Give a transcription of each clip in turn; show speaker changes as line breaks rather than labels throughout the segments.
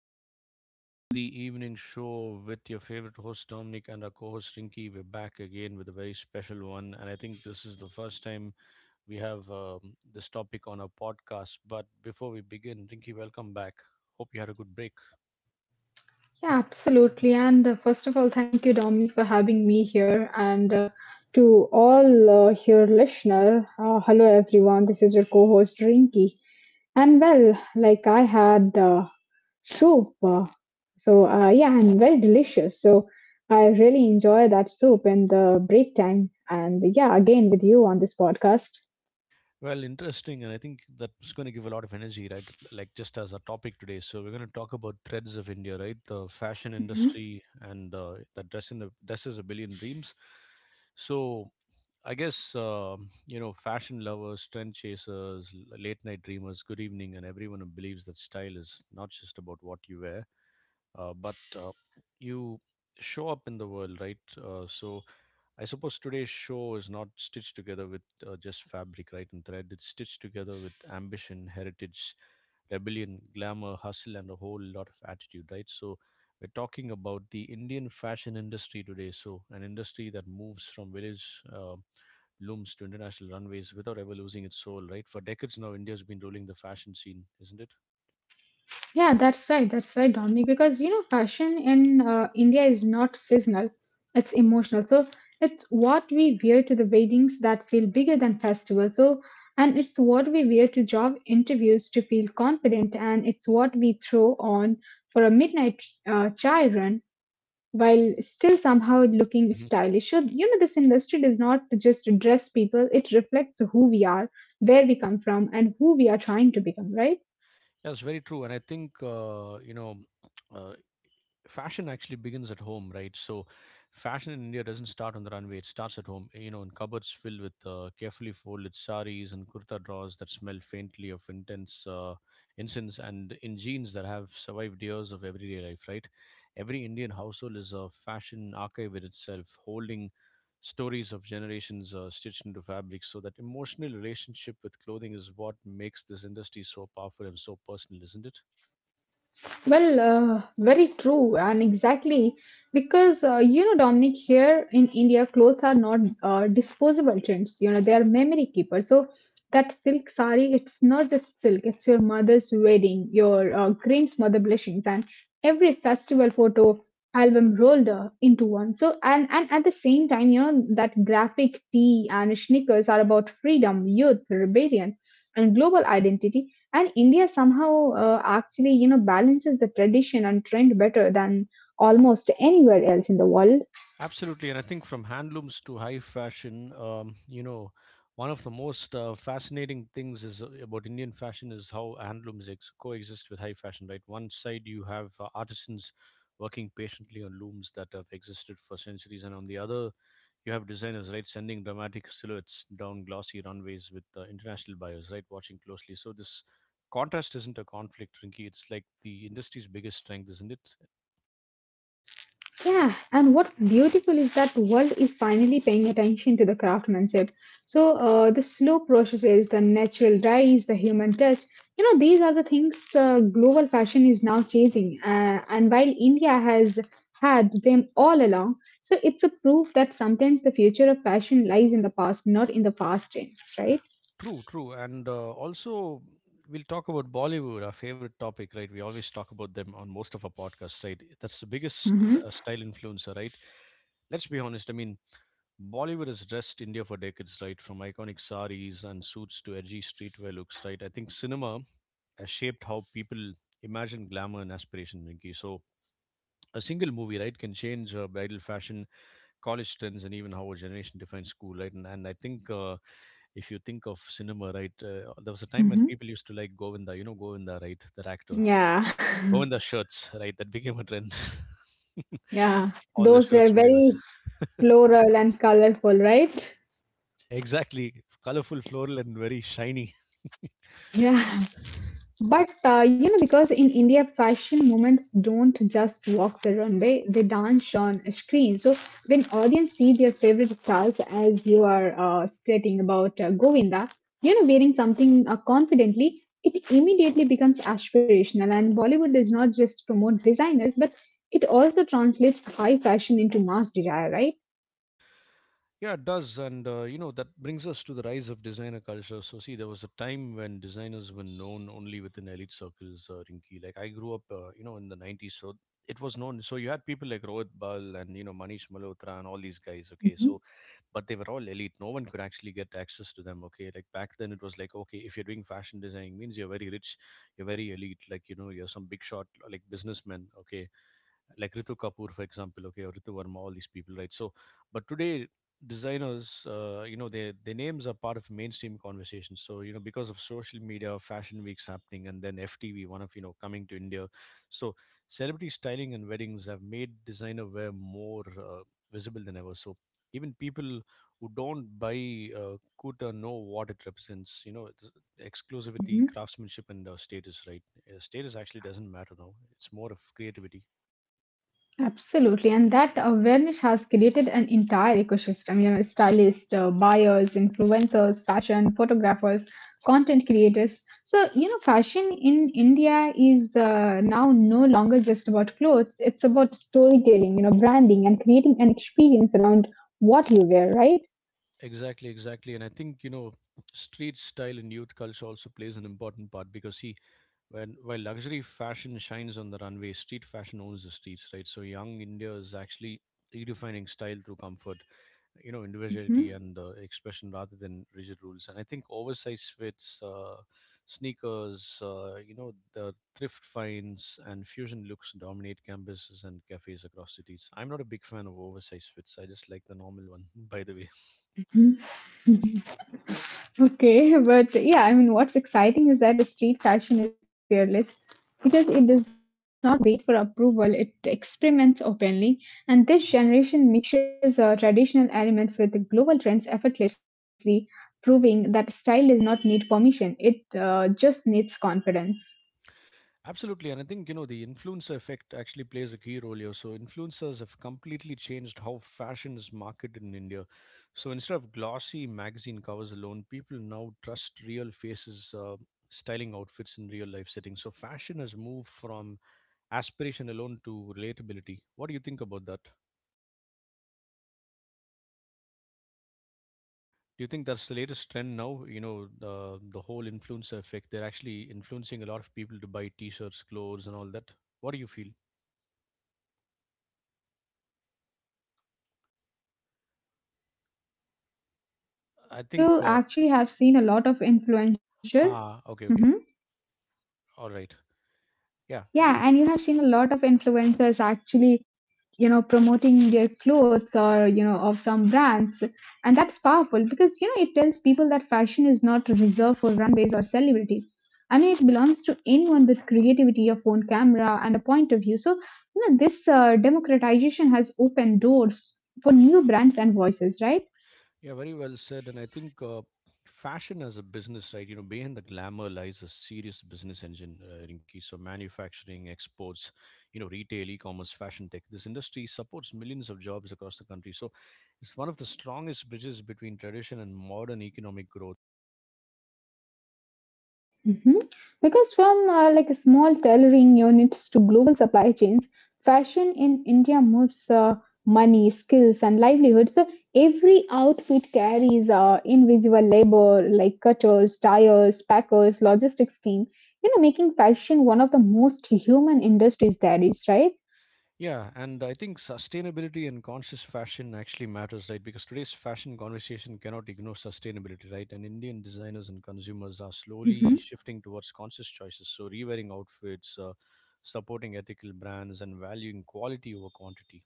and welcome to the evening show with your favorite host, Dominic, and our co host, Rinky. We're back again with a very special one. And I think this is the first time we have this topic on our podcast. But before we begin, Rinky, welcome back. Hope you had a good break.
Yeah, absolutely. And first of all, thank you, Dominic, for having me here. And to all your listener, hello everyone. This is your co-host Rinky. And well, like I had soup, yeah, and very delicious. So I really enjoy that soup in the break time. And yeah, again with you on this podcast.
Well, interesting. And I think that's going to give a lot of energy, right? Like just as a topic today. So, we're going to talk about threads of India, right? The fashion industry and the dress in the dresses a billion dreams. So I guess, you know, fashion lovers, trend chasers, late night dreamers, good evening, and everyone who believes that style is not just about what you wear, but you show up in the world, right? So I suppose today's show is not stitched together with just fabric, right, and thread. It's stitched together with ambition, heritage, rebellion, glamour, hustle, and a whole lot of attitude, right? So we're talking about the Indian fashion industry today. So an industry that moves from village looms to international runways without ever losing its soul, right? For decades now, India's been ruling the fashion scene, isn't it?
Yeah, that's right. That's right, Dominic. Because you know, fashion in India is not seasonal; it's emotional. So it's what we wear to the weddings that feel bigger than festivals. And it's what we wear to job interviews to feel confident, and it's what we throw on for a midnight chai run while still somehow looking
Hmm.
stylish. So you know, this industry does not just dress people; it reflects who we are, where we come from, and who we are trying to become, right?
That's very true, and I think you know, uh, fashion actually begins at home, right? So, fashion in India doesn't start on the runway; it starts at home. You know, in cupboards filled with carefully folded saris and kurta drawers that smell faintly of intense incense, and in jeans that have survived years of everyday life, right? Every Indian household is a fashion archive in itself, holding stories of generations stitched into fabric. So that emotional relationship with clothing is what makes this industry so powerful and so personal, isn't it?
Well, very true, and exactly because you know, Dominic, here in India, clothes are not disposable trends. You know, they are memory keepers. So that silk sari, it's not just silk; it's your mother's wedding, your grandmother blushings, and every festival photo album rolled into one. And at the same time, you know, that graphic tee and sneakers are about freedom, youth, rebellion, and global identity. And India somehow actually, you know, balances the tradition and trend better than almost anywhere else in the world.
Absolutely, and I think from handlooms to high fashion, you know, one of the most fascinating things is about Indian fashion is how handlooms coexist with high fashion. Right, one side you have artisans working patiently on looms that have existed for centuries, and on the other you have designers right sending dramatic silhouettes down glossy runways with international buyers right watching closely. So this contrast isn't a conflict, Rinky. It's like the industry's biggest strength, isn't it?
Yeah, and what's beautiful is that world is finally paying attention to the craftsmanship. So the slow processes, the natural dyes, the human touch, you know, these are the things global fashion is now chasing, and while India has had them all along. So it's a proof that sometimes the future of fashion lies in the past, not in the past trends, right?
True, true. And also, we'll talk about Bollywood, our favorite topic, right? We always talk about them on most of our podcasts, right? That's the biggest
Hmm.
style influencer, right? Let's be honest. I mean, Bollywood has dressed India for decades, right? From iconic saris and suits to edgy streetwear looks, right? I think cinema has shaped how people imagine glamour and aspiration, Rinki. So, a single movie, right, can change bridal fashion, college trends, and even how a generation defines school, right? And I think if you think of cinema, right, there was a time when people used to like Govinda, you know, Govinda, right, that actor.
Yeah,
Govinda shirts, right, that became a trend.
yeah.
All the
Those were
shirts what he was.
very floral and colorful, right?
Exactly. Colorful, floral, and very shiny.
Yeah. But you know, because in India, fashion moments don't just walk the runway, they dance on a screen. So when audience see their favorite stars, as you are stating about Govinda, you know, wearing something confidently, it immediately becomes aspirational. And Bollywood does not just promote designers, but it also translates high fashion into mass desire, right?
Yeah, it does. And, you know, that brings us to the rise of designer culture. So, see, there was a time when designers were known only within elite circles, Rinki. Like, I grew up, you know, in the 90s. So, it was known. So, you had people like Rohit Bal and, you know, Manish Malhotra and all these guys. Okay. So,
Mhm.
but they were all elite, no one could actually get access to them, okay? Like back then it was like, okay, if you're doing fashion designing means you're very rich, you're very elite, like you know, you're some big shot like businessman, okay? Like Ritu Kapoor, for example, okay, or Ritu Verma, all these people, right? So, but today designers, you know, their names are part of mainstream conversations. So, you know, because of social media, fashion weeks happening, and then FTV, one of you know, coming to India, so celebrity styling and weddings have made designer wear more visible than ever. So. Even people who don't buy Kuta know what it represents. You know, it's exclusivity,
Mhm.
craftsmanship, and status. Right? Status actually doesn't matter now. It's more of creativity.
Absolutely, and that awareness has created an entire ecosystem. You know, stylists, buyers, influencers, fashion photographers, content creators. So, you know, fashion in India is now no longer just about clothes. It's about storytelling, you know, branding and creating an experience around what you wear, right?
Exactly, exactly. And I think, you know, street style in youth culture also plays an important part because see, when while luxury fashion shines on the runway, street fashion owns the streets, right? So young India is actually redefining style through comfort, you know, individuality
Mhm.
and expression rather than rigid rules. And I think oversized fits, sneakers, you know, the thrift finds and fusion looks dominate campuses and cafes across cities. I'm not a big fan of oversized fits. I just like the normal one, by the way.
Okay, but yeah, I mean, what's exciting is that the street fashion is fearless because it does not wait for approval, it experiments openly. And this generation mixes traditional elements with the global trends effortlessly, proving that style does not need permission, it just needs confidence.
Absolutely, and I think you know the influencer effect actually plays a key role here. So influencers have completely changed how fashion is marketed in India. So instead of glossy magazine covers alone, people now trust real faces, styling outfits in real life settings. So fashion has moved from aspiration alone to relatability. What do you think about that?
Yeah, and that's powerful because
Do you think that's the
it
latest
tells
trend
people
now?
that
You know
fashion is not.
the
Uh,
whole influencer effect. They're actually
Mhm.
influencing a lot of people to buy T-shirts, clothes, and all that. What do you feel?
Yeah, yeah, absolutely. Because when you talk about you know influencer,
I think.
so you actually have seen a lot of influencer.
Ha. Okay. Okay.
Hmm.
All right. Yeah. Go,
Yeah,
go.
and you have seen a lot of influencers actually, you know, promoting their clothes or you know of some brands. And that's powerful because you know it tells people that fashion is not reserved for runways or celebrities. I mean, it belongs to anyone with creativity, a phone camera, and a point of view. So you know this democratization has opened doors for new brands and voices, right?
Yeah, very well said. And I think fashion as a business, right? You know, behind the glamour lies a serious business engine, Rinki. So, manufacturing, exports, you know, retail, e commerce, fashion tech. This industry supports millions of jobs across the country. So, it's one of the strongest bridges between tradition and modern economic growth.
Mhm. Because from like small tailoring units to global supply chains, fashion in India moves money, skills, and livelihoods. So every outfit carries invisible labor like cutters, dyers, packers, logistics team, you know, making fashion one of the most human industries there is, right?
Yeah, and I think sustainability and conscious fashion actually matters, right? Because today's fashion conversation cannot ignore sustainability, right? And Indian designers and consumers are slowly shifting towards conscious choices. So, rewearing outfits, supporting ethical brands, and valuing quality over quantity.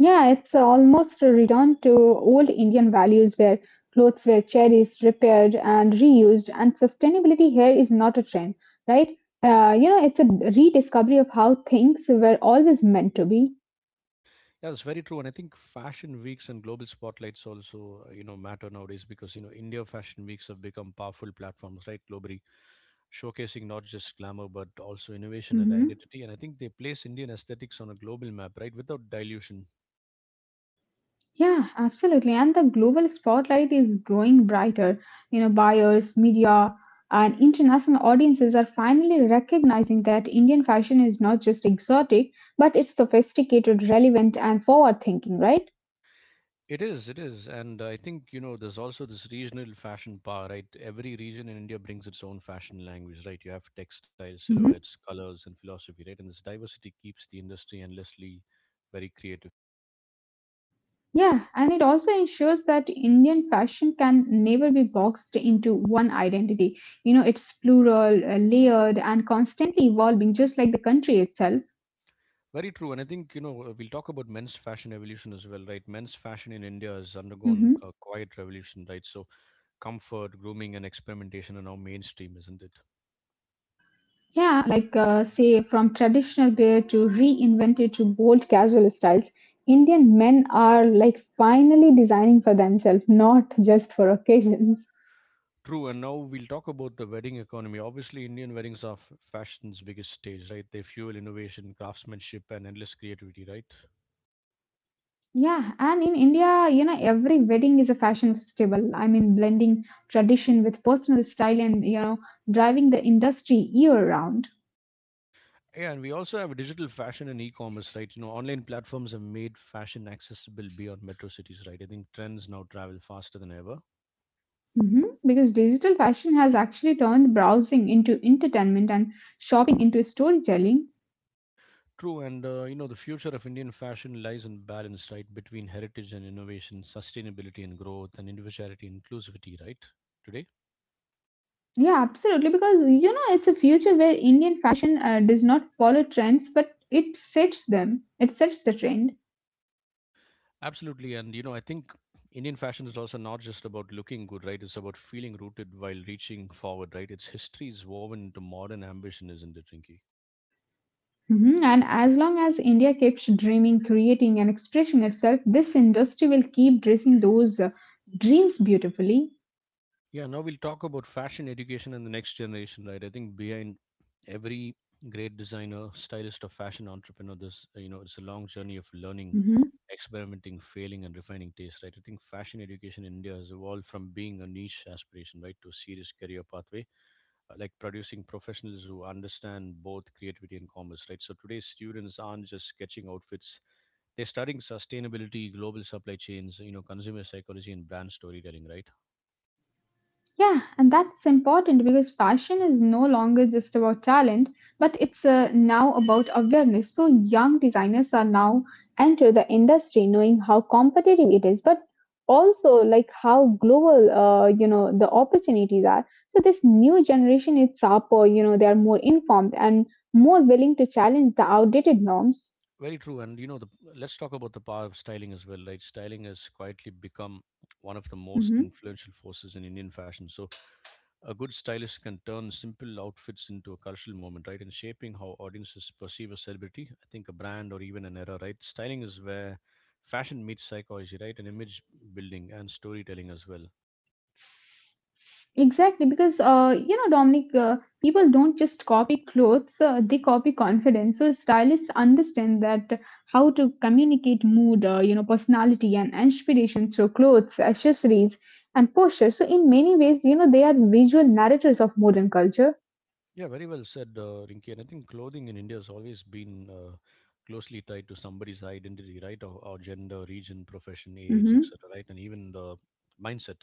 Yeah, it's almost a return to old Indian values where clothes were cherished, repaired, and reused. And sustainability here is not a trend, right? You know, it's a rediscovery of how things were always meant to be.
Yeah, that's very true. And I think fashion weeks and global spotlights also, you know, matter nowadays because, you know, India fashion weeks have become powerful platforms, right, globally, showcasing not just glamour, but also innovation and
Hmm.
identity. And I think they place Indian aesthetics on a global map, right, without dilution.
Yeah, absolutely. And the global spotlight is growing brighter. You know, buyers, media, and international audiences are finally recognizing that Indian fashion is not just exotic, but it's sophisticated, relevant, and forward thinking, right?
It is, it is. And I think, you know, there's also this regional fashion power, right? Every region in India brings its own fashion language, right? You have textiles, silhouettes, colors, and philosophy, right? And this diversity keeps the industry endlessly very creative.
Yeah, and it also ensures that Indian fashion can never be boxed into one identity. You know, it's plural, layered, and constantly evolving, just like the country itself.
Very true, and I think you know we'll talk about men's fashion evolution as well, right? Men's fashion in India has undergone
Hmm.
a quiet revolution, right? So, comfort, grooming, and experimentation are now mainstream, isn't it?
Yeah, like say from traditional wear to reinvented to bold casual styles, Indian men are like finally designing for themselves, not just for occasions.
True, and now we'll talk about the wedding economy. Obviously, Indian weddings are fashion's biggest stage, right? They fuel innovation, craftsmanship, and endless creativity, right?
Yeah, and in India, you know, every wedding is a fashion festival. I mean, blending tradition with personal style and, you know, driving the industry year round.
Yeah, and we also have digital fashion and e-commerce, right? You know, online platforms have made fashion accessible beyond metro cities, right? I think trends now travel faster than ever.
Hmm. Because digital fashion has actually turned browsing into entertainment and shopping into storytelling.
True, and you know, the future of Indian fashion lies in balance, right, between heritage and innovation, sustainability and growth, and individuality and inclusivity, right, today?
Yeah, absolutely. Because, you know, it's a future where Indian fashion does not follow trends, but it sets them, it sets the trend.
Absolutely, and you know, I think Indian fashion is also not just about looking good, right? It's about feeling rooted while reaching forward, right? Its history is woven into modern ambition, isn't it, Rinky?
Mhm. And as long as India keeps dreaming, creating, and expressing itself, this industry will keep dressing those dreams beautifully.
Yeah, now we'll talk about fashion education and the next generation, right? I think behind every great designer, stylist, or fashion entrepreneur, this you know, it's a long journey of learning,
Mm-hmm.
experimenting, failing, and refining taste, right? I think fashion education in India has evolved from being a niche aspiration, right, to a serious career pathway, like producing professionals who understand both creativity and commerce, right? So today's students aren't just sketching outfits; they're studying sustainability, global supply chains, you know, consumer psychology, and brand storytelling, right?
Yeah, and that's important because passion is no longer just about talent, but it's now about awareness. So young designers are now enter the industry knowing how competitive it is, but also like how global, you know, the opportunities are. So this new generation is sharper. You know, they are more informed and more willing to challenge the outdated norms.
Very true. And you know, the, Let's talk about the power of styling as well, right? Styling has quietly become one of the most
Mhm.
influential forces in Indian fashion. So, a good stylist can turn simple outfits into a cultural moment, right? And shaping how audiences perceive a celebrity, I think a brand or even an era, right? Styling is where fashion meets psychology, right? And image building and storytelling as well.
Exactly, because you know, Dominic, people don't just copy clothes; they copy confidence. So stylists understand that how to communicate mood, you know, personality and inspiration through clothes, accessories, and posture. So in many ways, you know, they are visual narrators of modern culture.
Yeah, very well said, Rinki. And I think clothing in India has always been closely tied to somebody's identity, right? Or gender, region, profession, age,
Mhm.
etc., right? And even the mindset.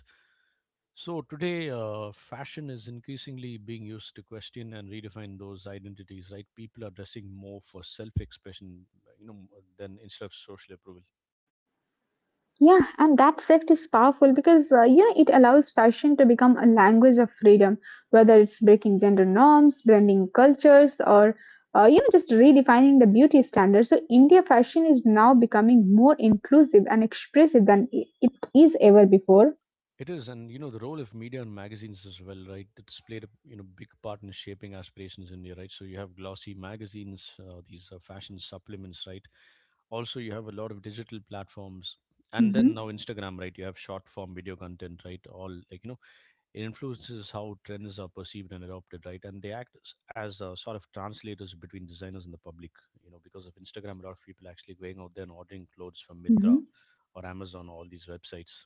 So today, fashion is increasingly being used to question and redefine those identities, right? People are dressing more for self-expression, you know, than instead of social approval.
Yeah, and that shift is powerful because you know it allows fashion to become a language of freedom, whether it's breaking gender norms, blending cultures, or you know just redefining the beauty standard. So India fashion is now becoming more inclusive and expressive than it is ever before.
It is, and you know, the role of media and magazines as well, right? It's played a big part in shaping aspirations in India, right? So you have glossy magazines, these fashion supplements, right? Also, you have a lot of digital platforms, and
Hmm.
then now Instagram, right? You have short form video content, right? All like you know, it influences how trends are perceived and adopted, right? And they act as as sort of translators between designers and the public, you know, because of Instagram, a lot of people actually going out there and ordering clothes from Mintra
Hmm.
or Amazon, all these websites.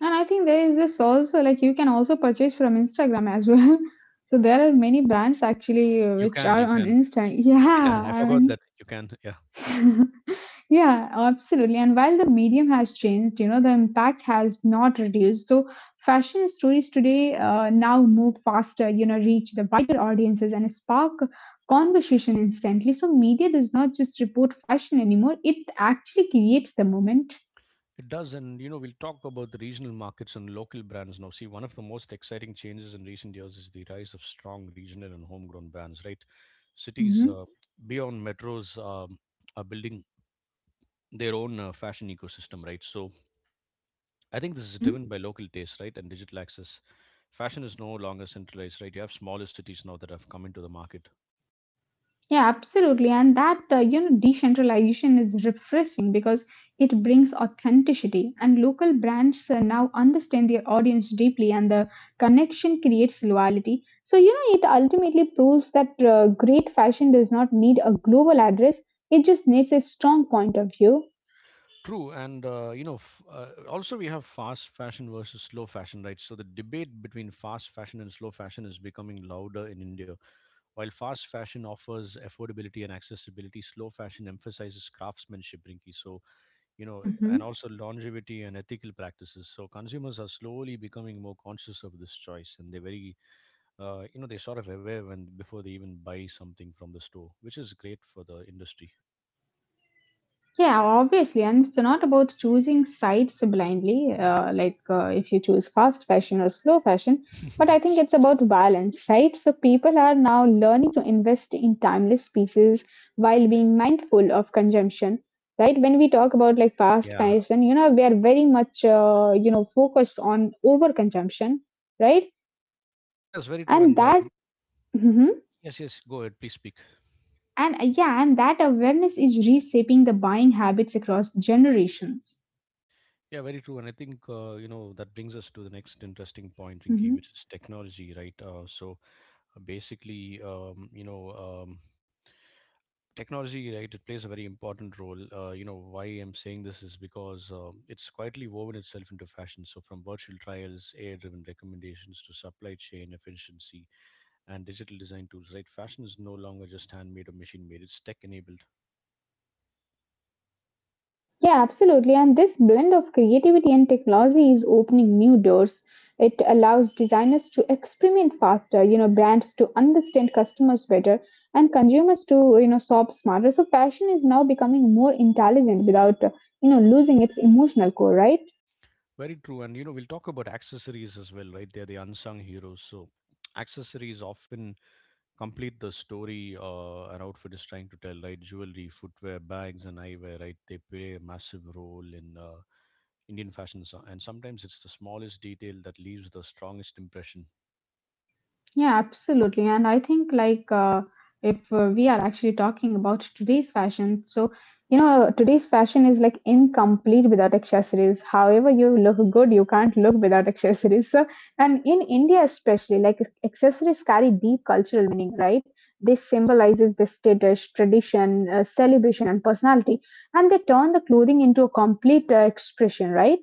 And I think there is this also like you can also purchase from Instagram as well. So there are many brands actually
You
which
can,
are
you
on
can.
Insta.
Yeah,
Yeah,
I
I
forgot
mean
that you can. Yeah,
yeah, absolutely. And while the medium has changed, you know, the impact has not reduced. So, fashion stories today now move faster, you know, reach the wider audiences and spark conversation instantly. So, media does not just report fashion anymore, it actually creates the moment.
it does. And you know, we'll talk about the regional markets and local brands now. See, one of the most exciting changes in recent years is the rise of strong regional and homegrown brands. Right, cities
Hmm.
beyond metros are building their own fashion ecosystem. Right, so I think this is
Hmm.
driven by local taste, right, and digital access. Fashion is no longer centralized, right? You have smaller cities now that have come into the market.
Yeah, absolutely. And that, you know, decentralization is refreshing because it brings authenticity. And local brands now understand their audience deeply, and the connection creates loyalty. So, you know, it ultimately proves that great fashion does not need a global address, it just needs a strong point of view.
True, and you know, also we have fast fashion versus slow fashion, right? So the debate between fast fashion and slow fashion is becoming louder in India. While fast fashion offers affordability and accessibility, slow fashion emphasizes craftsmanship, Rinki. So you know, and
Mhm.
also longevity and ethical practices. So consumers are slowly becoming more conscious of this choice, and they're very, you know, they're sort of aware when before they even buy something from the store, which is great for the industry.
Yeah, obviously, and it's not about choosing sides blindly, like if you choose fast fashion or slow fashion, but I think it's about balance, right? So people are now learning to invest in timeless pieces while being mindful of consumption, right? When we talk about like fast
Yeah,
fashion, you know, we are very much, you know, focused on over consumption, right?
yeah, it's very true,
And
and
that, mhm,
yes, yes, go ahead, please speak.
and yeah, and that awareness is reshaping the buying habits across generations.
Yeah, very true. And I think, you know, that brings us to the next interesting point, Rinki,
Mm-hmm.
which is technology, right? Basically, you know, um, technology, right, it plays a very important role. You know, why I'm saying this is because it's quietly woven itself into fashion. So from virtual trials, AI driven recommendations to supply chain efficiency and digital design tools, right? Fashion is no longer just handmade or machine made, it's tech enabled.
Yeah, absolutely. And this blend of creativity and technology is opening new doors. It allows designers to experiment faster, you know, brands to understand customers better, and consumers to, you know, shop smarter. So fashion is now becoming more intelligent without, you know, losing its emotional core, right?
Very true. And, you know, we'll talk about accessories as well, right? They're the unsung heroes. So, accessories often complete the story an outfit is trying to tell, right? Jewelry, footwear, bags, and eyewear, right? They play a massive role in Indian fashion. So- And sometimes it's the smallest detail that leaves the strongest impression.
Yeah, absolutely. And I think, like, if we are actually talking about today's fashion, so you know, today's fashion is like incomplete without accessories. However, you look good, you can't look without accessories. So, and in India, especially, like, accessories carry deep cultural meaning, right? This symbolizes the status, tradition, celebration, and personality, and they turn the clothing into a complete expression, right?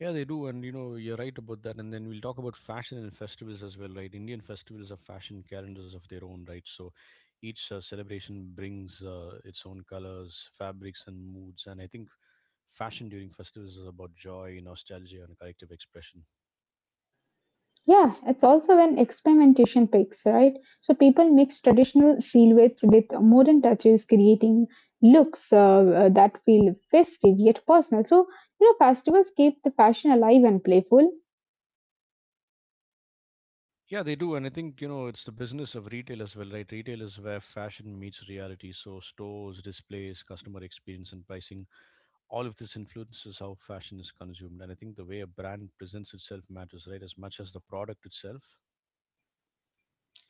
Yeah, they do, and you know you're right about that. And then we'll talk about fashion and festivals as well, right? Indian festivals have fashion calendars of their own, right? So each celebration brings its own colors, fabrics, and moods. And I think fashion during festivals is about joy, nostalgia, and collective expression.
Yeah, it's also when experimentation picks, right? So people mix traditional silhouettes with modern touches, creating looks that feel festive yet personal. So, you know, festivals keep the fashion alive and playful.
Yeah, they do, and I think you know it's the business of retail as well, right? Retail is where fashion meets reality. So stores, displays, customer experience, and pricing, all of this influences how fashion is consumed. And I think the way a brand presents itself matters, right, as much as the product itself.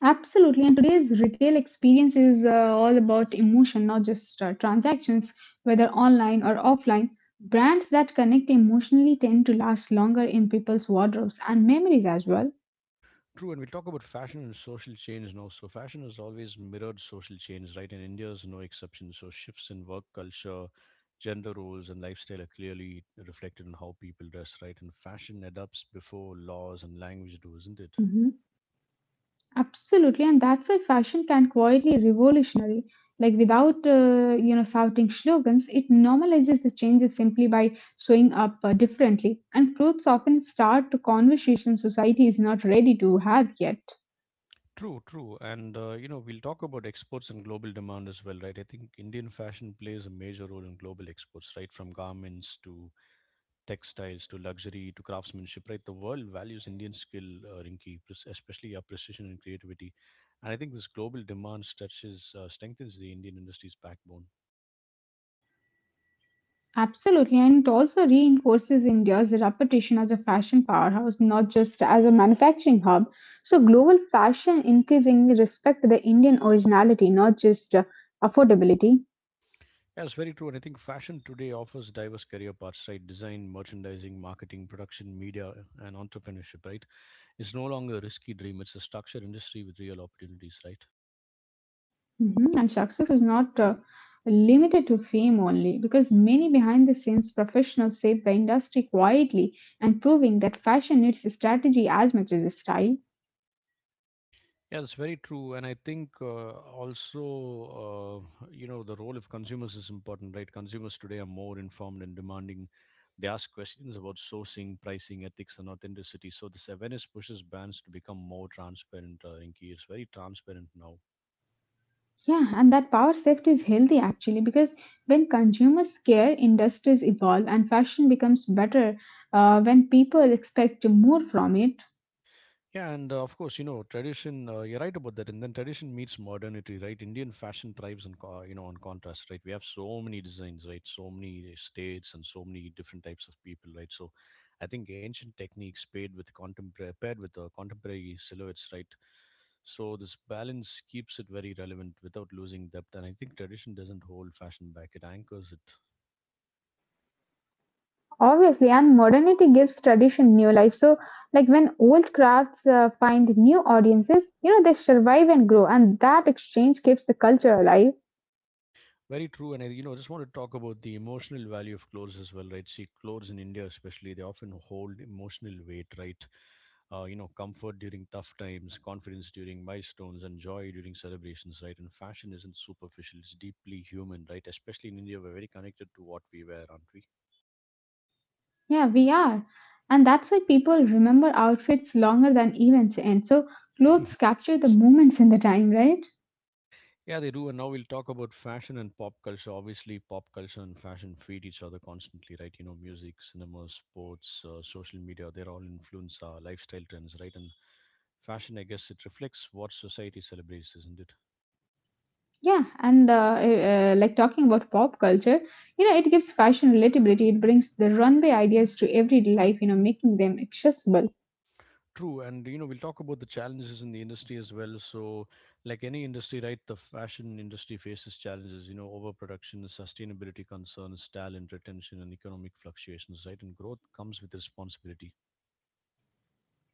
Absolutely. And today's retail experience is all about emotion, not just transactions, whether online or offline. Brands that connect emotionally tend to last longer in people's wardrobes and memories as well.
True, and we talk about fashion and social change now. So, fashion has always mirrored social change, right? And India is no exception. So, shifts in work culture, gender roles, and lifestyle are clearly reflected in how people dress, right? And fashion adapts before laws and language do, isn't it?
Mhm. Absolutely, and that's why fashion can quietly revolutionize. Like without, you know, shouting slogans, it normalizes the changes simply by showing up differently. And clothes often start to conversation society is not ready to have yet.
True, true. And, you know, we'll talk about exports and global demand as well, right? I think Indian fashion plays a major role in global exports, right? From garments to textiles to luxury to craftsmanship, right? The world values Indian skill, Rinki, especially our precision and creativity. And I think this global demand strengthens the Indian industry's backbone.
Absolutely, and it also reinforces India's reputation as a fashion powerhouse, not just as a manufacturing hub. So global fashion increasingly respect the Indian originality, not just affordability.
Yeah, it's very true. And I think fashion today offers diverse career paths, right? Design, merchandising, marketing, production, media, and entrepreneurship, right? It's no longer a risky dream. It's a structured industry with real opportunities, right?
Mhm. And success is not limited to fame only, because many behind the scenes professionals save the industry quietly and proving that fashion needs strategy as much as style.
Yeah, that's very true. And I think also, you know, the role of consumers is important, right? Consumers today are more informed and demanding. They ask questions about sourcing, pricing, ethics, and authenticity. So this awareness pushes brands to become more transparent, Rinki. It's very transparent now.
Yeah, and that power shift is healthy actually, because when consumers care, industries evolve and fashion becomes better when people expect more from it.
Yeah, and of course, you know, tradition, you're right about that. And then tradition meets modernity, right? Indian fashion thrives on, you know, on contrast, right? We have so many designs, right? So many states and so many different types of people, right? So I think ancient techniques paired with contemporary silhouettes, right? So this balance keeps it very relevant without losing depth. And I think tradition doesn't hold fashion back. It anchors it.
Obviously, and modernity gives tradition new life. So, like when old crafts find new audiences, you know, they survive and grow, and that exchange keeps the culture alive.
Very true, and I, you know, just want to talk about the emotional value of clothes as well, right? See, clothes in India, especially, they often hold emotional weight, right? You know, comfort during tough times, confidence during milestones, and joy during celebrations, right? And fashion isn't superficial; it's deeply human, right? Especially in India, we're very connected to what we wear, aren't we?
Yeah, we are. And that's why people remember outfits longer than events end. So, clothes capture the moments in the time, right?
Yeah, they do. And now we'll talk about fashion and pop culture. Obviously, pop culture and fashion feed each other constantly, right? You know, music, cinema, sports, social media, they're all influence our lifestyle trends, right? And fashion, I guess it reflects what society celebrates, isn't it?
Yeah, and like talking about pop culture, you know, it gives fashion relatability, it brings the runway ideas to everyday life, you know, making them accessible.
True, and you know, we'll talk about the challenges in the industry as well. So, like any industry, right, the fashion industry faces challenges, you know, overproduction, sustainability concerns, talent retention, and economic fluctuations, right? And growth comes with responsibility.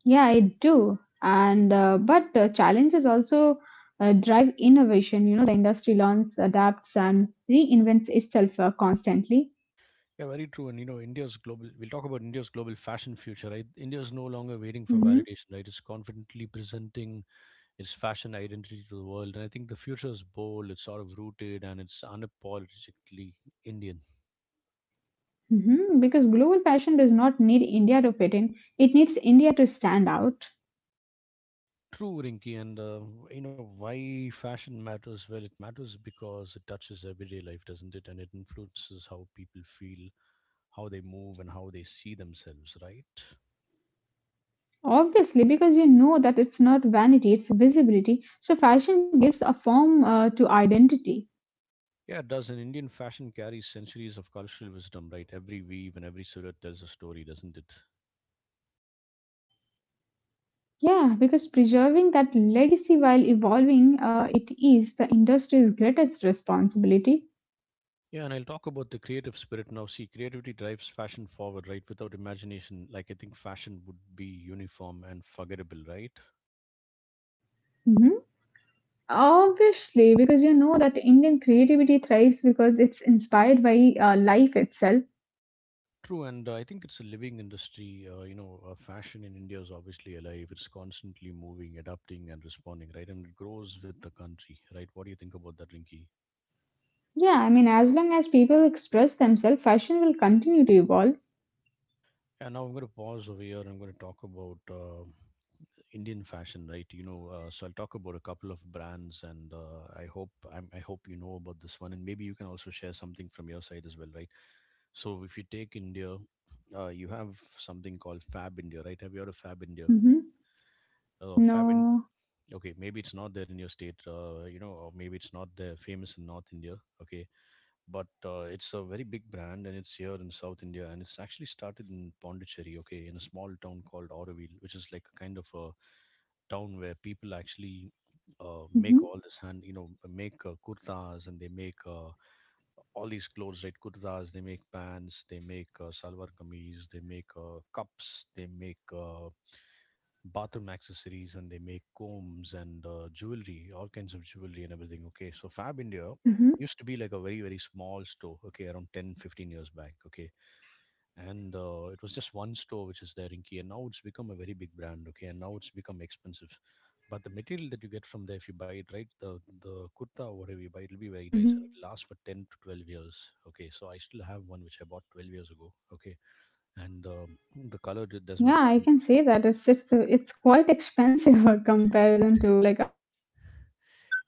Yeah, I do. And but challenges also drive innovation. You know, the industry learns, adapts, and reinvents itself constantly.
Yeah, very true. And you know, India's global, we'll talk about India's global fashion future, right? India is no longer waiting for
Hmm.
validation, right? It's confidently presenting its fashion identity to the world. And I think the future is bold, it's sort of rooted, and it's unapologetically Indian.
Hmm. Because global fashion does not need India to fit in; it needs India to stand out.
True, Rinky, and you know why fashion matters? Well, it matters because it touches everyday life, doesn't it? And it influences how people feel, how they move, and how they see themselves, right?
Obviously, because you know that it's not vanity, it's visibility. So fashion gives a form to identity.
Yeah, it does. And Indian fashion carries centuries of cultural wisdom, right? Every weave and every silhouette tells a story, doesn't it?
Yeah, because preserving that legacy while evolving, it is the industry's greatest responsibility.
Yeah, and I'll talk about the creative spirit now. See, creativity drives fashion forward, right? Without imagination, like I think fashion would be uniform and forgettable, right?
Mm-hmm. Obviously, because you know that Indian creativity thrives because it's inspired by life itself.
True, and I think it's a living industry. Fashion in India is obviously alive. It's constantly moving, adapting, and responding, right? And it grows with the country, right? What do you think about that, Rinki?
Yeah, I mean, as long as people express themselves, fashion will continue to evolve.
And now I'm going to pause over here, and I'm going to talk about Indian fashion, right? You know, so I'll talk about a couple of brands, and I hope you know about this one, and maybe you can also share something from your side as well, right? So if you take India, you have something called Fab India, right? Have you heard of Fab India?
Hmm.
Fab in
No.
okay, maybe it's not there in your state, you know, or maybe it's not there famous in North India. Okay, but it's a very big brand and it's here in South India and it's actually started in Pondicherry, okay, in a small town called Auroville, which is like a kind of a town where people actually make
Hmm.
all this hand, you know, make kurtas and they make all these clothes, right? Kurtas, they make pants, they make salwar kameez, they make cups, they make bathroom accessories, and they make combs and jewelry, all kinds of jewelry and everything. Okay, so Fab India
Hmm.
used to be like a very small store, okay, around 10, 15 years back, okay, and it was just one store which is there in key, and now it's become a very big brand, okay, and now it's become expensive. But the material that you get from there, if you buy it, right, the kurta or whatever you buy, it'll be very nice and
Hmm.
it lasts for 10 to 12 years, okay. So I still have one which I bought 12 years ago, okay, and the color does not
Yeah, I
run.
can say that. It's just, it's quite expensive for comparison to like other websites.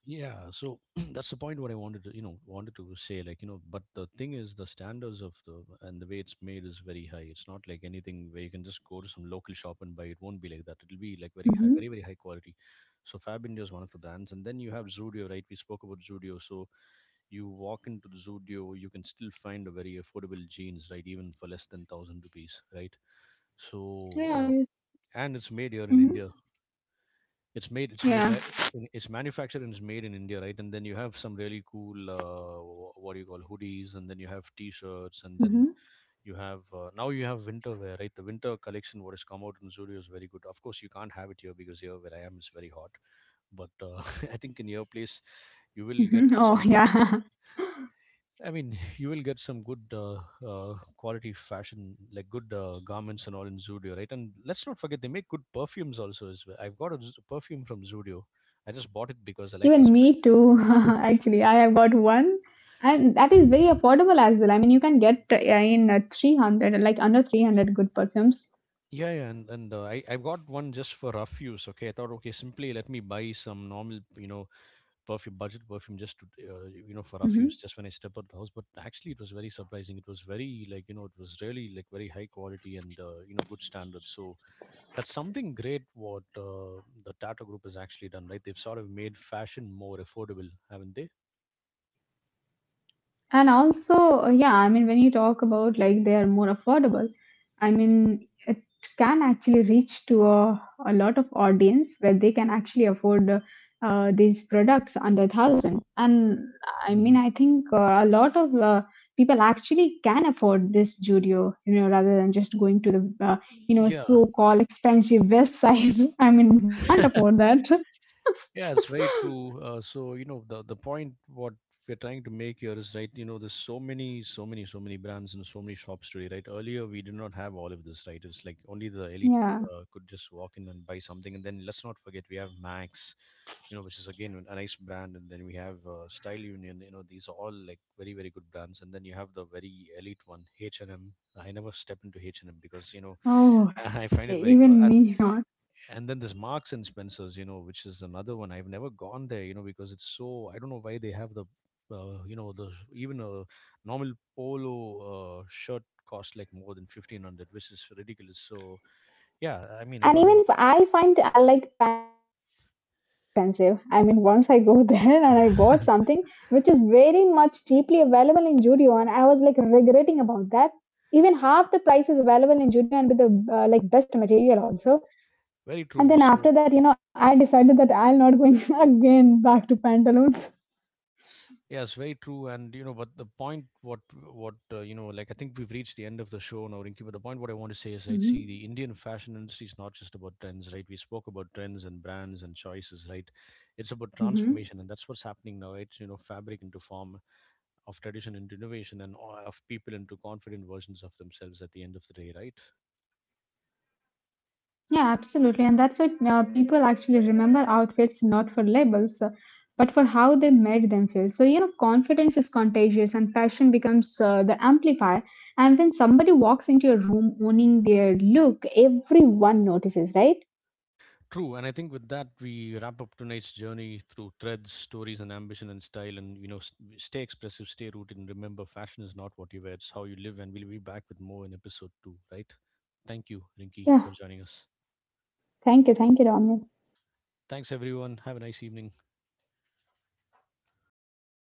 Yeah, so that's the point what I wanted to, you know, wanted to say. Like, you know, but the thing is, the standards of the and the way it's made is very high. It's not like anything where you can just go to some local shop and buy. It won't be like that. It'll be like very high,
Hmm.
very high quality. So Fab India is one of the brands, and then you have Zudio, right? We spoke about Zudio. So you walk into the Zudio, you can still find a very affordable jeans, right? Even for less than thousand rupees, right? So
Yeah. I-
and it's made here in
mhm.
India. It's made
Yeah.
right, it's manufactured and it's made in India, right? And then you have some really cool, what do you call hoodies, and then you have t-shirts, and
Hmm.
then you have now you have winter wear, right? The winter collection what has come out in Zudio is very good. Of course, you can't have it here because here where I am it's very hot. But I think in your
Hmm.
place
Oh,
you
yeah.
will get some good. I mean, you will get some good quality fashion, like good garments and all in Zudio, right? And let's not forget they make good perfumes also as well. I've got a perfume from Zudio. I just bought it because I like the
Even me
smell.
too. Actually, I have got one, and that is very affordable as well. I mean, you can get in 300, like under 300 good perfumes.
Yeah, yeah, and I got one just for rough use. Okay, I thought, okay, simply let me buy some normal, perfume, budget perfume, just to, for rough use,
Mhm.
just when I step out the house. But actually, it was very surprising. It was very like, it was really like very high quality and good standard. So that's something great what the Tata Group has actually done, right? They've sort of made fashion more affordable, haven't they?
And also, yeah, I mean, when you talk about like they are more affordable, I mean, it can actually reach to a lot of audience where they can actually afford these products under thousand. And I
Hmm.
mean, I think a lot of people actually can afford this Judio, you know, rather than just going to the, uh, you know,
Yeah.
so-called expensive West Side. I mean, we can't afford that.
Yeah, it's very true. So you know the point what we're trying to make here is right. You know, there's so many, so many, so many brands and so many shops today. Right, earlier we did not have all of this. Right, it's like only the elite
Yeah.
could just walk in and buy something. And then let's not forget we have Max, you know, which is again a nice brand. And then we have Style Union. You know, these are all like very very good brands. And then you have the very elite one, H and M. I never step into H and M because you know
Oh,
I find it very co-
even me.
and then this Marks and Spencers, you know, which is another one. I've never gone there, you know, because it's so. I don't know why they have the, the even a normal polo shirt costs like more than 1,500, which is ridiculous. So yeah, I mean, I
And
don't know.
even I find like pantaloons is also expensive. I mean, once I go there and I bought something which is very much cheaply available in Judio, and I was like regretting about that. Even half the price is available in Judio and with the like best material also.
Very
And
true.
then
So
after that, you know, I decided that I'll not going again back to pantaloons.
yeah, it's very true, and you know, but the point, what, you know, like I think we've reached the end of the show now, Rinky. But the point, what I want to say is, right,
Mm-hmm.
see, the Indian fashion industry is not just about trends, right? We spoke about trends and brands and choices, right? It's about
Mm-hmm.
transformation, and that's what's happening now, right? You know, fabric into form, of tradition into innovation, and of people into confident versions of themselves at the end of the day, right?
Yeah, absolutely. And that's why people actually remember outfits not for labels, but for how they made them feel. So, you know, confidence is contagious and fashion becomes the amplifier. And when somebody walks into your room owning their look, everyone notices, right?
True, and I think with that we wrap up tonight's journey through threads, stories, and ambition and style. And you know, stay expressive, stay rooted, and remember, fashion is not what you wear; it's how you live. And we'll be back with more in episode two, right? Thank you, Rinky, for
Yeah.
joining us.
Thank you. Thank you, Ramya.
Thanks, everyone. Have a nice evening.